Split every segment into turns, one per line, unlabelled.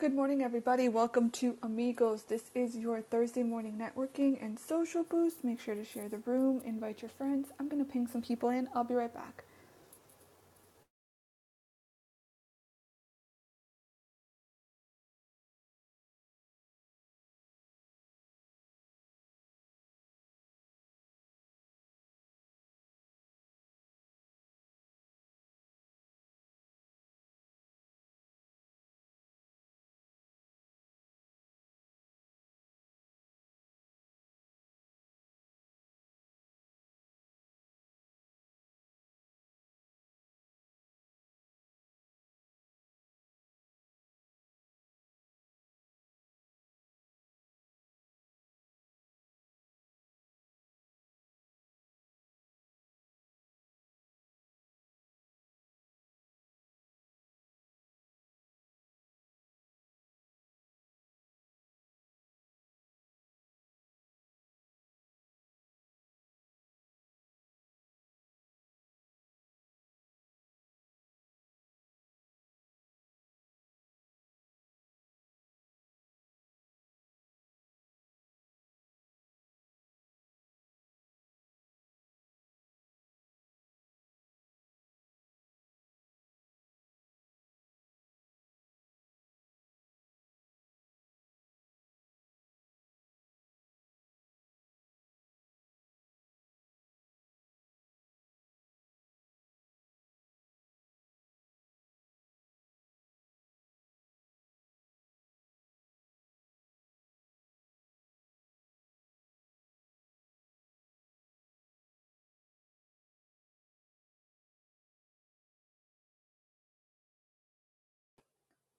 Good morning, everybody. Welcome to Amigos. This is your Thursday morning networking and social boost. Make sure to share the room, invite your friends. I'm going to ping some people in. I'll be right back.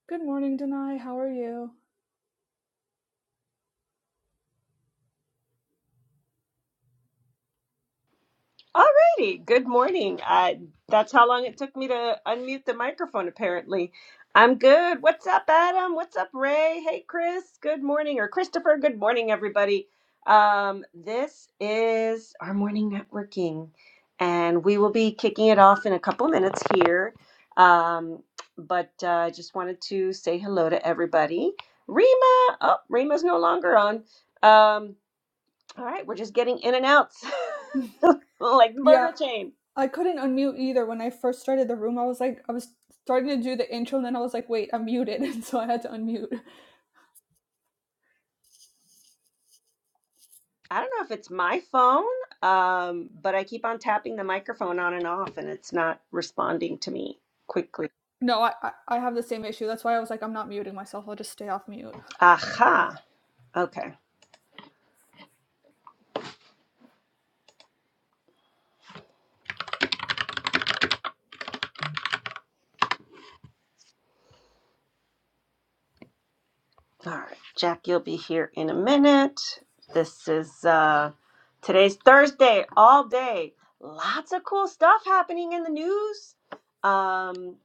Good morning, Denai. How are you?
Alrighty, good morning. I, that's how long it took me to unmute the microphone, apparently. I'm good. What's up, Adam? What's up, Ray? Hey, Chris. Good morning, or Christopher. Good morning, everybody. Um, this is our morning networking, and we will be kicking it off in a couple minutes here. Um, but uh, just wanted to say hello to everybody. Rima, oh, Rima's no longer on. Um, all right, we're just getting in and outs like the
Yeah,
burger chain.
I couldn't unmute either when I first started the room. I was like, I was starting to do the intro, and then I was like, wait, I'm muted. And so I had to unmute.
I don't know if it's my phone, um, but I keep on tapping the microphone on and off and it's not responding to me quickly.
No, I, I, I have the same issue. That's why I was like, I'm not muting myself. I'll just stay off mute.
Aha. Okay. All right, Jack, you'll be here in a minute. This is uh, today's Thursday, all day. Lots of cool stuff happening in the news. Um,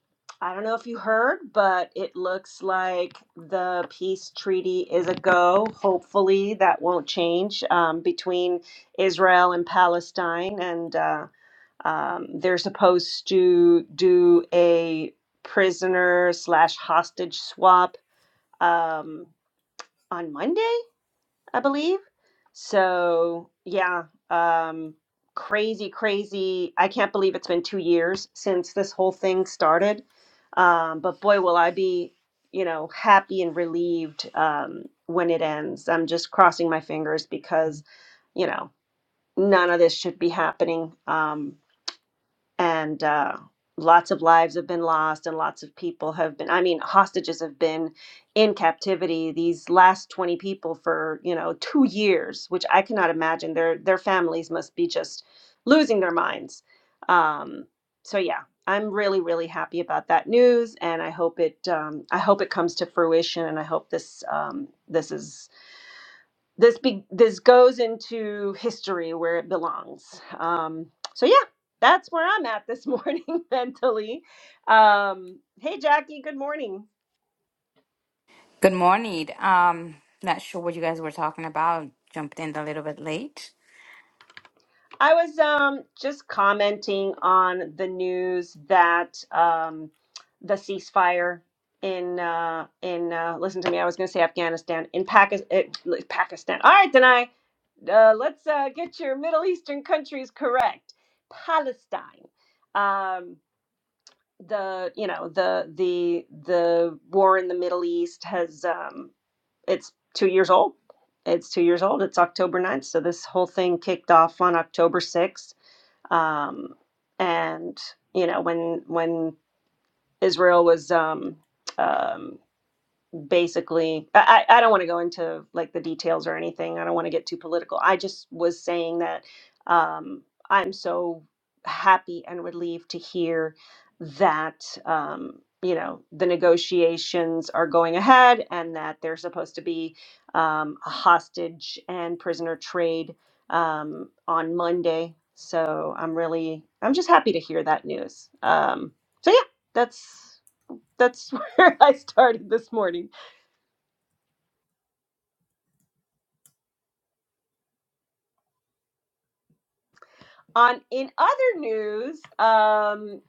I don't know if you heard, but it looks like the peace treaty is a go. Hopefully, that won't change um, between Israel and Palestine. And uh, um, they're supposed to do a prisoner slash hostage swap. Um, on Monday, I believe. So, yeah, um, crazy, crazy. I can't believe it's been two years since this whole thing started. Um, but boy, will I be, you know, happy and relieved um, when it ends. I'm just crossing my fingers because, you know, none of this should be happening. Um, and uh, lots of lives have been lost and lots of people have been i mean hostages have been in captivity these last 20 people for you know two years which i cannot imagine their their families must be just losing their minds um, so yeah i'm really really happy about that news and i hope it um, i hope it comes to fruition and i hope this um, this is this be, this goes into history where it belongs. Um, so yeah, that's where I'm at this morning mentally. Um, hey Jackie, good morning.
Good morning. Um, not sure what you guys were talking about. Jumped in a little bit late.
I was um, just commenting on the news that um, the ceasefire in uh, in uh, listen to me. I was going to say Afghanistan in Pakistan. Pakistan. All right, then I uh, let's uh, get your Middle Eastern countries correct. Palestine. Um, the you know the the the war in the Middle East has um, it's two years old. It's two years old. It's October ninth. So this whole thing kicked off on October 6th. Um, and you know when when Israel was um, um, basically I, I I don't want to go into like the details or anything i don't want to get too political i just was saying that um, i'm so happy and relieved to hear that um, you know the negotiations are going ahead and that there's supposed to be um, a hostage and prisoner trade um, on monday so i'm really i'm just happy to hear that news um, so yeah that's that's where i started this morning On in other news, um,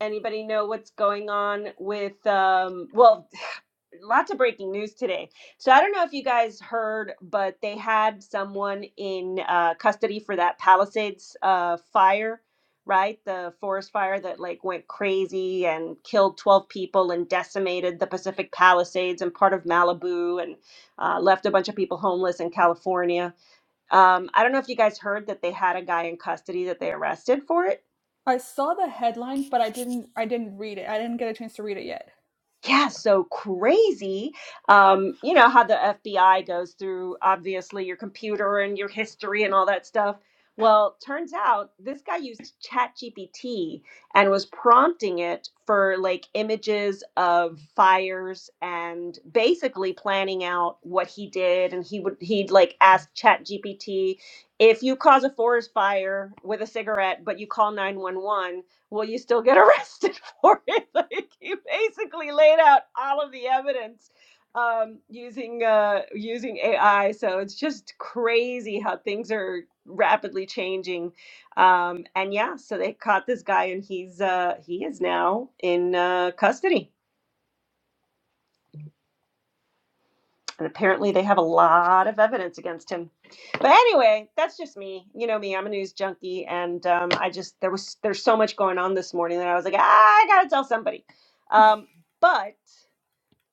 anybody know what's going on with um, well, lots of breaking news today. So I don't know if you guys heard, but they had someone in uh, custody for that Palisades uh, fire, right? The forest fire that like went crazy and killed 12 people and decimated the Pacific Palisades and part of Malibu and uh, left a bunch of people homeless in California. Um, I don't know if you guys heard that they had a guy in custody that they arrested for it.
I saw the headline, but I didn't I didn't read it. I didn't get a chance to read it yet.
Yeah, so crazy. Um, you know how the FBI goes through obviously your computer and your history and all that stuff. Well, turns out this guy used ChatGPT and was prompting it for like images of fires and basically planning out what he did. And he would he'd like ask ChatGPT, if you cause a forest fire with a cigarette, but you call 911, will you still get arrested? for it. Like he basically laid out all of the evidence um, using uh, using AI. So it's just crazy how things are rapidly changing. Um, and yeah, so they caught this guy, and he's uh, he is now in uh, custody. And apparently, they have a lot of evidence against him. But anyway, that's just me. You know me. I'm a news junkie, and um, I just there was there's so much going on this morning that I was like, "Ah, I gotta tell somebody. Um, but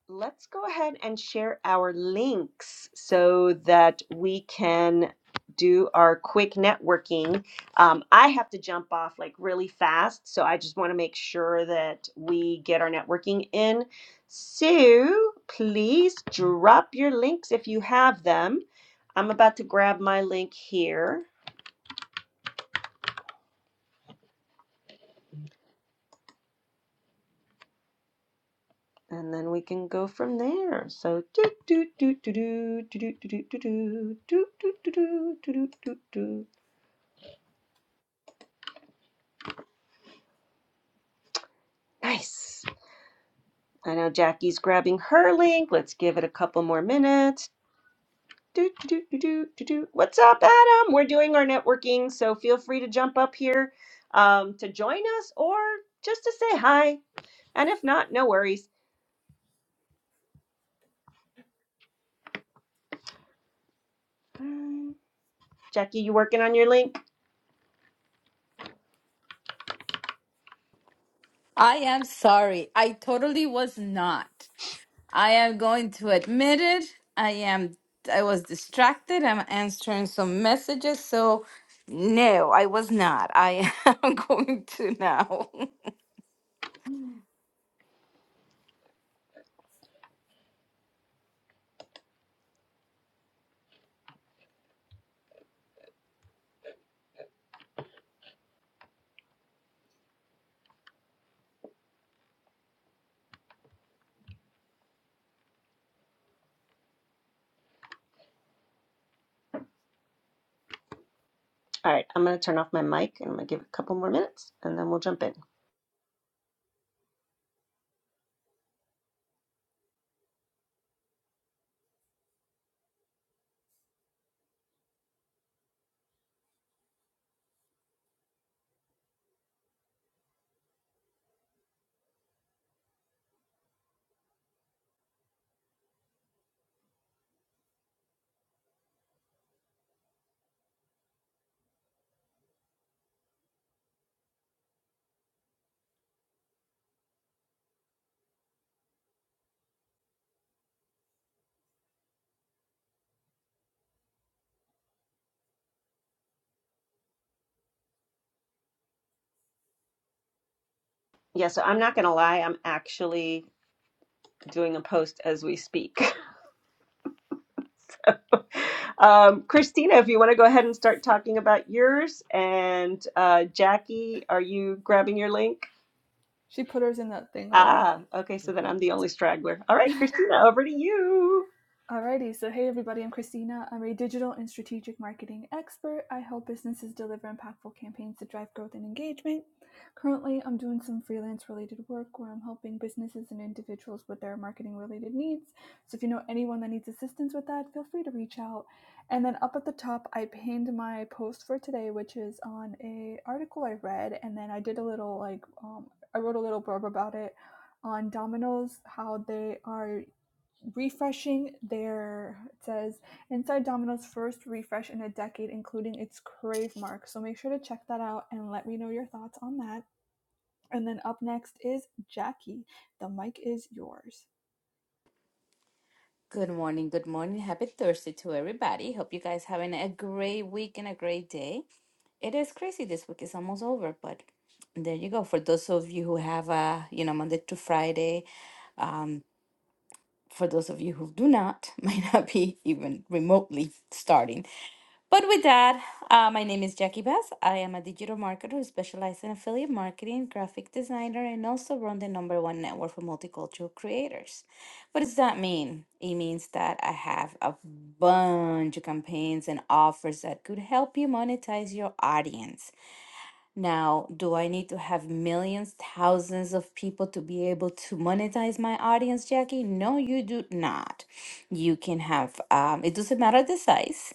let's go ahead and share our links so that we can do our quick networking. Um, I have to jump off like really fast, so I just want to make sure that we get our networking in. So please drop your links if you have them. I'm about to grab my link here. And then we can go from there. So do do do do do do do do do do do do do do do do do do. Nice. I know Jackie's grabbing her link. Let's give it a couple more minutes. Do, do, do, do, do, do, What's up, Adam? We're doing our networking, so feel free to jump up here um, to join us or just to say hi. And if not, no worries. Mm, Jackie, you working on your link?
I am sorry. I totally was not. I am going to admit it. I am. I was distracted. I'm answering some messages. So, no, I was not. I am going to now.
All right, I'm going to turn off my mic and I'm going to give it a couple more minutes and then we'll jump in. Yeah, so I'm not going to lie. I'm actually doing a post as we speak. Um, Christina, if you want to go ahead and start talking about yours, and uh, Jackie, are you grabbing your link?
She put hers in that thing already.
Ah, okay, so then I'm the only straggler. All right, Christina, over to you.
Alrighty, so hey everybody, I'm Christina. I'm a digital and strategic marketing expert. I help businesses deliver impactful campaigns to drive growth and engagement. Currently, I'm doing some freelance related work where I'm helping businesses and individuals with their marketing related needs. So if you know anyone that needs assistance with that, feel free to reach out. And then up at the top, I pinned my post for today, which is on a article I read, and then I did a little like um, I wrote a little blurb about it on Domino's, how they are refreshing their it says inside domino's first refresh in a decade including its crave mark so make sure to check that out and let me know your thoughts on that and then up next is jackie the mic is yours
Good morning. Good morning. Happy Thursday to everybody. Hope you guys having a great week and a great day. It is crazy. This week is almost over, but there you go. For those of you who have a, you know, Monday to Friday, um, for those of you who do not, might not be even remotely starting. But with that, uh, my name is Jackie Bass. I am a digital marketer who specializes in affiliate marketing, graphic designer, and also run the number one network for multicultural creators. What does that mean? It means that I have a bunch of campaigns and offers that could help you monetize your audience now, do I need to have millions, thousands of people to be able to monetize my audience, Jackie? No, you do not. You can have, um, it doesn't matter the size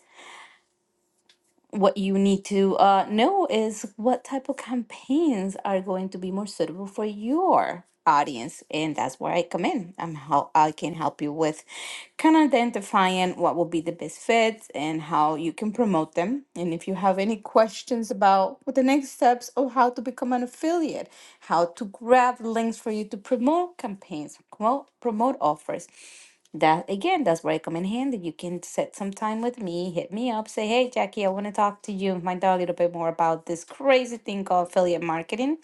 what you need to uh, know is what type of campaigns are going to be more suitable for your audience and that's where i come in i'm how i can help you with kind of identifying what will be the best fits and how you can promote them and if you have any questions about what the next steps or how to become an affiliate how to grab links for you to promote campaigns promote promote offers that again, that's where I come in handy. You can set some time with me, hit me up, say, hey, Jackie, I want to talk to you and find out a little bit more about this crazy thing called affiliate marketing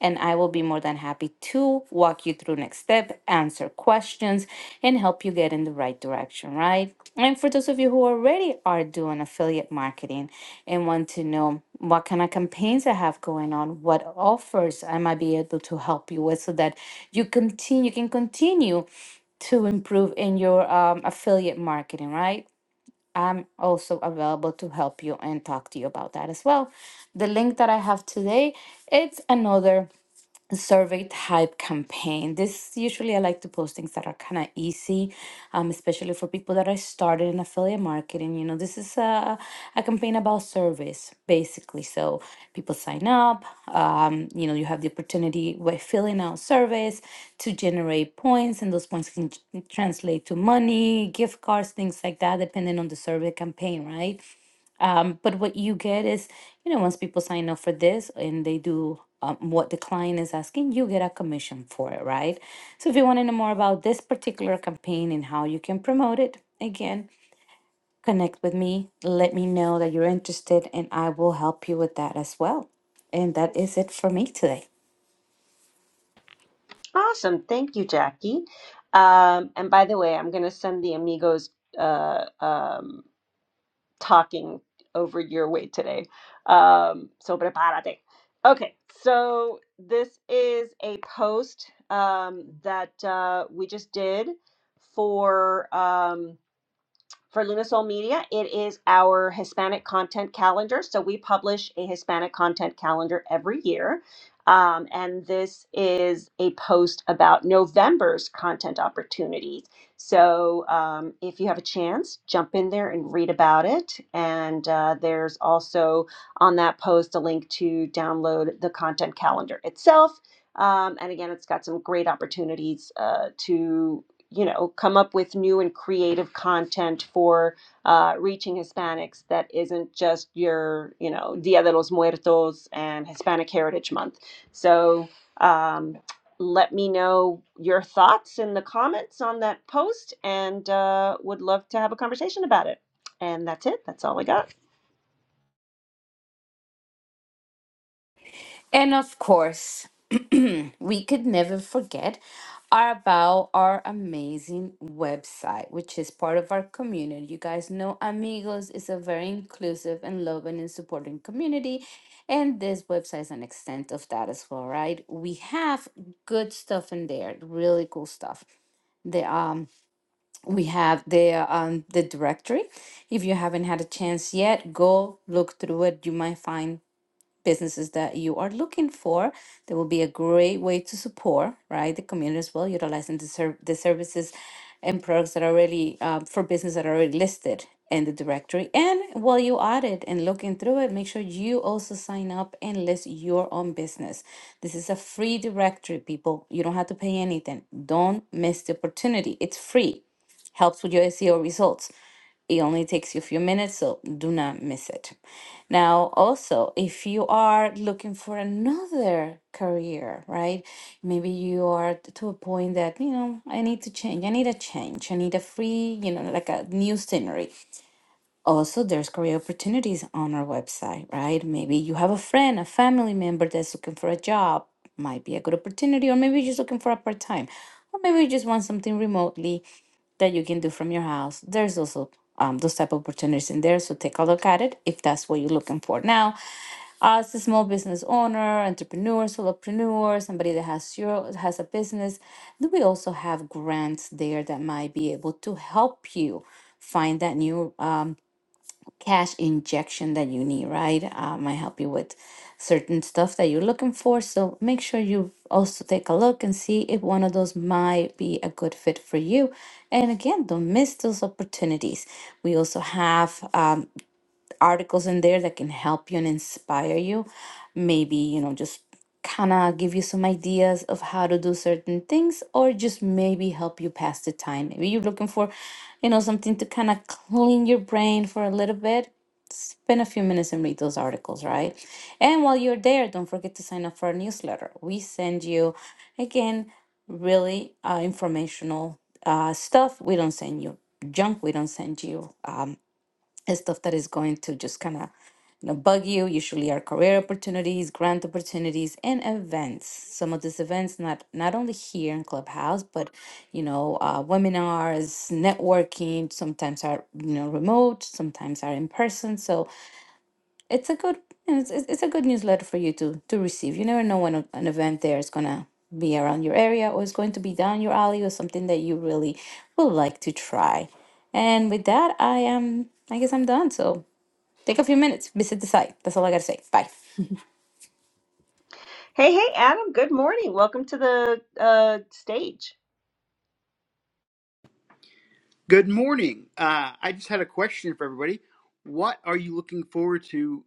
and I will be more than happy to walk you through next step, answer questions, and help you get in the right direction, right? And for those of you who already are doing affiliate marketing and want to know what kind of campaigns I have going on, what offers I might be able to help you with so that you continue you can continue to improve in your um, affiliate marketing, right? I'm also available to help you and talk to you about that as well. The link that I have today, it's another survey type campaign. This usually I like to post things that are kind of easy, um, especially for people that are started in affiliate marketing. You know, this is a, a campaign about service basically. So people sign up, um, you know, you have the opportunity by filling out surveys to generate points, and those points can tr- translate to money, gift cards, things like that, depending on the survey campaign, right? Um, but what you get is, you know, once people sign up for this and they do um, what the client is asking, you get a commission for it, right? So if you want to know more about this particular campaign and how you can promote it, again, connect with me. Let me know that you're interested, and I will help you with that as well. And that is it for me today.
Awesome. Thank you, Jackie. Um, and by the way, I'm going to send the amigos uh, um, talking over your way today. Um, so prepárate. Okay, so this is a post um, that uh, we just did for. Um, for Lunasol Media, it is our Hispanic content calendar. So we publish a Hispanic content calendar every year. Um, and this is a post about November's content opportunities. So um, if you have a chance, jump in there and read about it. And uh, there's also on that post a link to download the content calendar itself. Um, and again, it's got some great opportunities uh, to you know come up with new and creative content for uh, reaching Hispanics that isn't just your you know Dia de los Muertos and Hispanic Heritage Month. So um, let me know your thoughts in the comments on that post, and uh, would love to have a conversation about it. And that's it. That's all I got.
And of course, we could never forget about our amazing website, which is part of our community. You guys know Amigos is a very inclusive and loving and supporting community. And this website is an extent of that as well, right? We have good stuff in there, really cool stuff. The um we have the um the directory. If you haven't had a chance yet, go look through it. You might find businesses that you are looking for. That will be a great way to support, right, the community as well, utilizing the, ser- the services and products that are already um, for business that are already listed in the directory. And while you audit and looking through it, make sure you also sign up and list your own business. This is a free directory, people. You don't have to pay anything. Don't miss the opportunity. It's free helps with your SEO results. It only takes you a few minutes, so do not miss it. Now, also, if you are looking for another career, right? Maybe you are t- to a point that, you know, I need to change, I need a change, I need a free, you know, like a new scenery. Also, there's career opportunities on our website, right? Maybe you have a friend, a family member that's looking for a job, might be a good opportunity, or maybe you're just looking for a part time, or maybe you just want something remotely that you can do from your house. There's also um, those type of opportunities in there. So take a look at it if that's what you're looking for. Now, as a small business owner, entrepreneur, solopreneur, somebody that has your has a business, then we also have grants there that might be able to help you find that new. um, cash injection that you need, right? Uh, might help you with certain stuff that you're looking for. So make sure you also take a look and see if one of those might be a good fit for you. And again, don't miss those opportunities. We also have um, articles in there that can help you and inspire you. Maybe, you know, just kind of give you some ideas of how to do certain things or just maybe help you pass the time. Maybe you're looking for, you know, something to kind of clean your brain for a little bit. Spend a few minutes and read those articles, right? And while you're there, don't forget to sign up for our newsletter. We send you, again, really uh, informational uh, stuff. We don't send you junk. We don't send you. um, and stuff that is going to just kind of you know bug you usually are career opportunities grant opportunities and events some of these events not not only here in clubhouse but you know uh, webinars networking sometimes are you know remote sometimes are in person so it's a good you know, it's, it's it's a good newsletter for you to to receive you never know when a- an event there is gonna be around your area or is going to be down your alley or something that you really would like to try and with that i am i guess i'm done so Take a few minutes, visit the site. That's all I gotta say. Bye.
Hey, hey, Adam, good morning. Welcome to the uh, stage.
Good morning. Uh, I just had a question for everybody. What are you looking forward to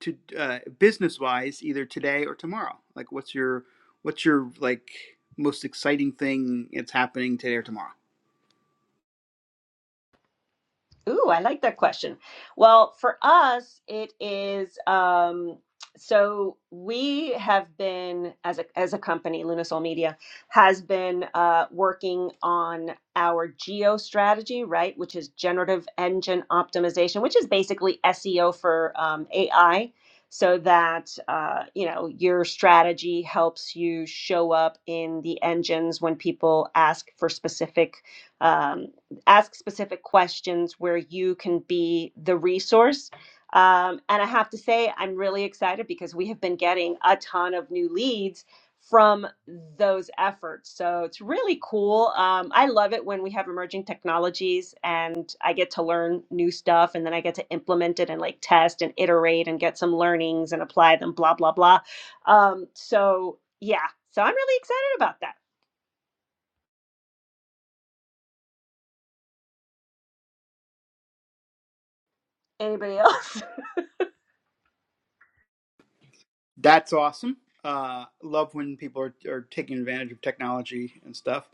to uh, business wise, either today or tomorrow? Like, what's your what's your like most exciting thing that's happening today or tomorrow?
Ooh, I like that question. Well, for us, it is um, so we have been as a as a company, Lunasol Media has been uh, working on our geo strategy, right? Which is generative engine optimization, which is basically SEO for um, AI, so that uh, you know your strategy helps you show up in the engines when people ask for specific. um, ask specific questions where you can be the resource. Um, and I have to say, I'm really excited because we have been getting a ton of new leads from those efforts. So it's really cool. Um, I love it when we have emerging technologies and I get to learn new stuff and then I get to implement it and like test and iterate and get some learnings and apply them, blah, blah, blah. Um, so yeah, so I'm really excited about that. Anybody else?
That's awesome. Uh, love when people are, are taking advantage of technology and stuff.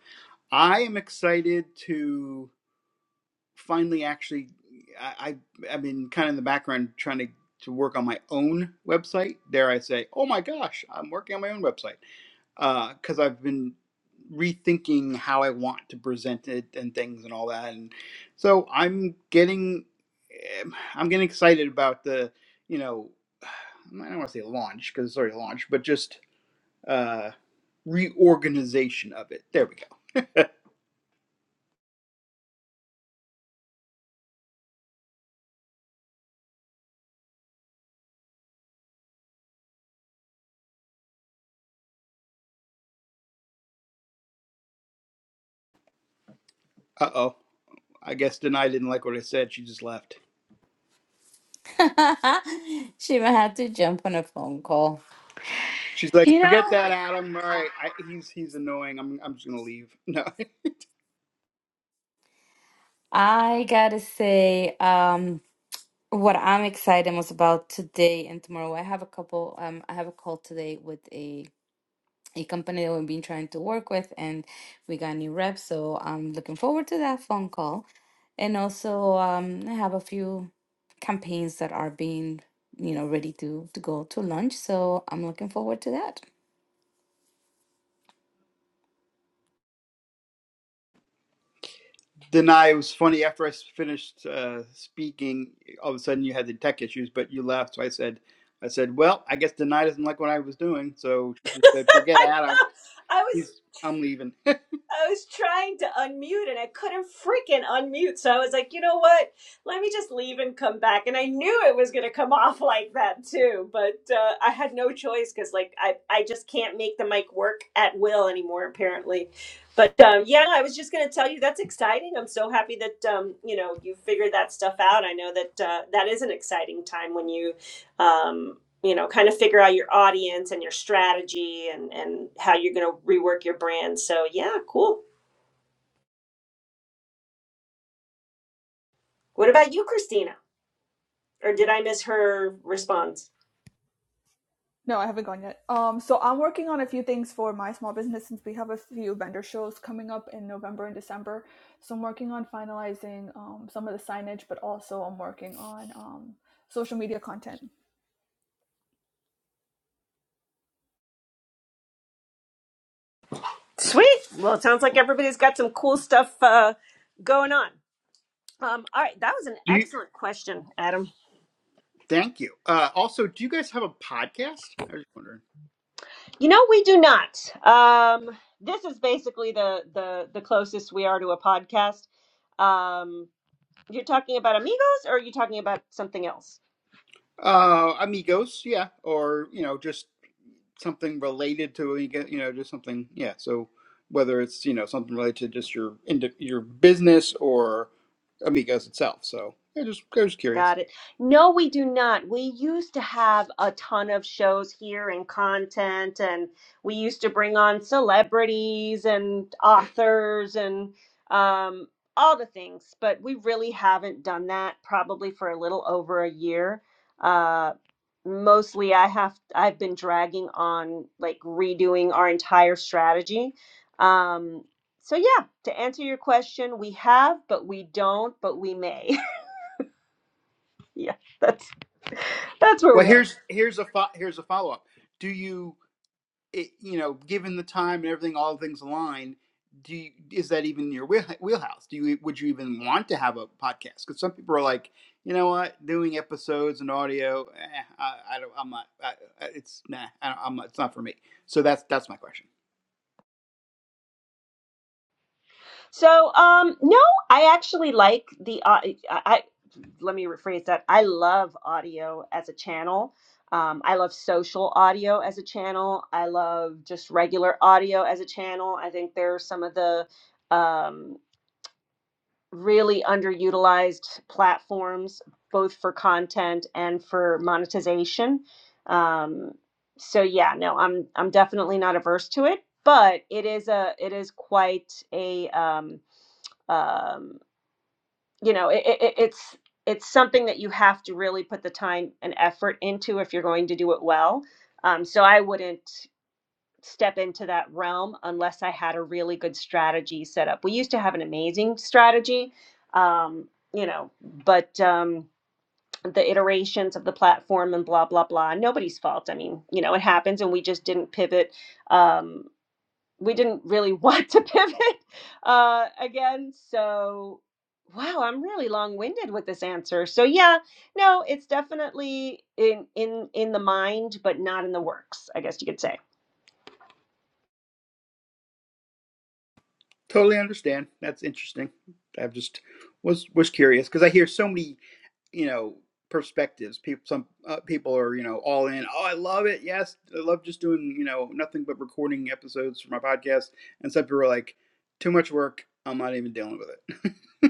I am excited to finally actually. I, I I've been kind of in the background trying to to work on my own website. Dare I say? Oh my gosh, I'm working on my own website because uh, I've been rethinking how I want to present it and things and all that. And so I'm getting, um, I'm getting excited about the, you know, I don't want to say launch because it's already launched, but just uh, reorganization of it. There we go. uh oh. I guess Denai didn't like what I said. She just left.
Shima had to jump on a phone call.
She's like,
You
forget
know,
that, Adam. All right, I, he's he's annoying. I'm I'm just gonna leave. No.
I gotta say, um, what I'm excited most about today and tomorrow. I have a couple. Um, I have a call today with a a company that we've been trying to work with, and we got new reps. So I'm looking forward to that phone call, and also um, I have a few campaigns that are being you know ready to to go to launch. So I'm looking forward to that.
Then I it was funny after I finished uh, speaking. All of a sudden, you had the tech issues, but you left. So I said, "I said, well, I guess Denai doesn't like what I was doing." So she just said, "Forget
I
Adam.
know. I was
He's I'm leaving." do
I was trying to unmute and I couldn't freaking unmute. So I was like, you know what? Let me just leave and come back. And I knew it was going to come off like that too, but uh, I had no choice because like I, I just can't make the mic work at will anymore apparently. But um, yeah, I was just going to tell you that's exciting. I'm so happy that um, you know you figured that stuff out. I know that uh, that is an exciting time when you um, you know kind of figure out your audience and your strategy and and how you're going to rework your brand so yeah cool what about you christina or did i miss her response
no i haven't gone yet um so i'm working on a few things for my small business since we have a few vendor shows coming up in november and december so i'm working on finalizing um, some of the signage but also i'm working on um, social media content
Sweet. Well, it sounds like everybody's got some cool stuff uh, going on. Um, all right, that was an
you?
excellent question, Adam.
Thank you. Uh, also, do you guys have a podcast? I was wondering.
You know, we do not. Um, this is basically the the the closest we are to a podcast. Um, you're talking about amigos, or are you talking about something else?
Uh, amigos, yeah, or you know, just something related to you you know, just something, yeah. So whether it's you know something related to just your into your business or amigos itself. So yeah, just I was curious.
Got it. No, we do not. We used to have a ton of shows here and content, and we used to bring on celebrities and authors and um, all the things, but we really haven't done that probably for a little over a year. Uh, mostly I have I've been dragging on like redoing our entire strategy. Um, so yeah, to answer your question, we have, but we don't, but we may. yeah. that's. That's where
Well,
we are.
here's here's a fo- here's a follow up. Do you it, you know, given the time and everything, all things align, do you, is that even your wheel, wheelhouse? Do you would you even want to have a podcast? Because some people are like, you know what, doing episodes and audio, eh, I, I don't, I'm not, I, I- it's nah, I don't, I'm not, it's not for me. So that's that's my question.
So, um, no, I actually like the. au- I, I let me rephrase that. I love audio as a channel. Um, I love social audio as a channel. I love just regular audio as a channel. I think there are some of the um, really underutilized platforms, both for content and for monetization. Um, so yeah, no, I'm I'm definitely not averse to it, but it is a it is quite a um, um, you know it, it, it's it's something that you have to really put the time and effort into if you're going to do it well. Um, so I wouldn't step into that realm unless I had a really good strategy set up. We used to have an amazing strategy, um, you know, but um, the iterations of the platform and blah blah blah. Nobody's fault. I mean, you know, it happens, and we just didn't pivot. Um, we didn't really want to pivot uh, again. So, wow, I'm really long-winded with this answer. So, yeah, no, it's definitely in in in the mind, but not in the works. I guess you could say.
Totally understand. That's interesting. I just was was curious because I hear so many you know perspectives people some uh, people are you know all in oh i love it yes i love just doing you know nothing but recording episodes for my podcast and some people are like too much work i'm not even dealing with it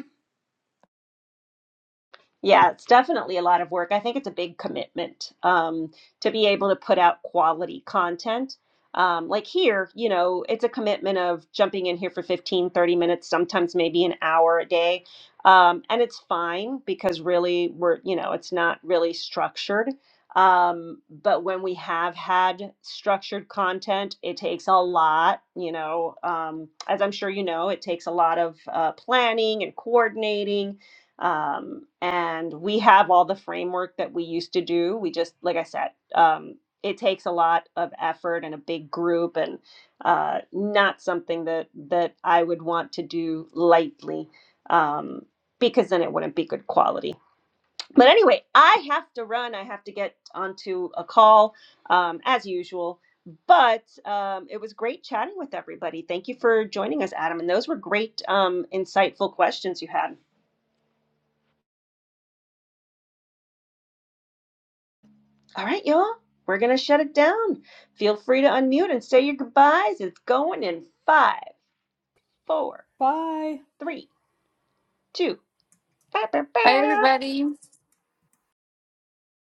Yeah, it's definitely a lot of work. I think it's a big commitment um, to be able to put out quality content. Um, like here, you know, it's a commitment of jumping in here for 15, 30 minutes, sometimes maybe an hour a day. Um, and it's fine because really we're, you know, it's not really structured. Um, but when we have had structured content, it takes a lot, you know, um, as I'm sure you know, it takes a lot of uh, planning and coordinating um, and we have all the framework that we used to do. We just, like I said, um, it takes a lot of effort and a big group, and uh, not something that that I would want to do lightly, um, because then it wouldn't be good quality. But anyway, I have to run. I have to get onto a call, um, as usual. But um, it was great chatting with everybody. Thank you for joining us, Adam. And those were great, um, insightful questions you had. All right, y'all, we're going to shut it down. Feel free to unmute and say your goodbyes. It's going in five, four,
bye
three, two. Bow, bow,
Hi,
bow.
everybody.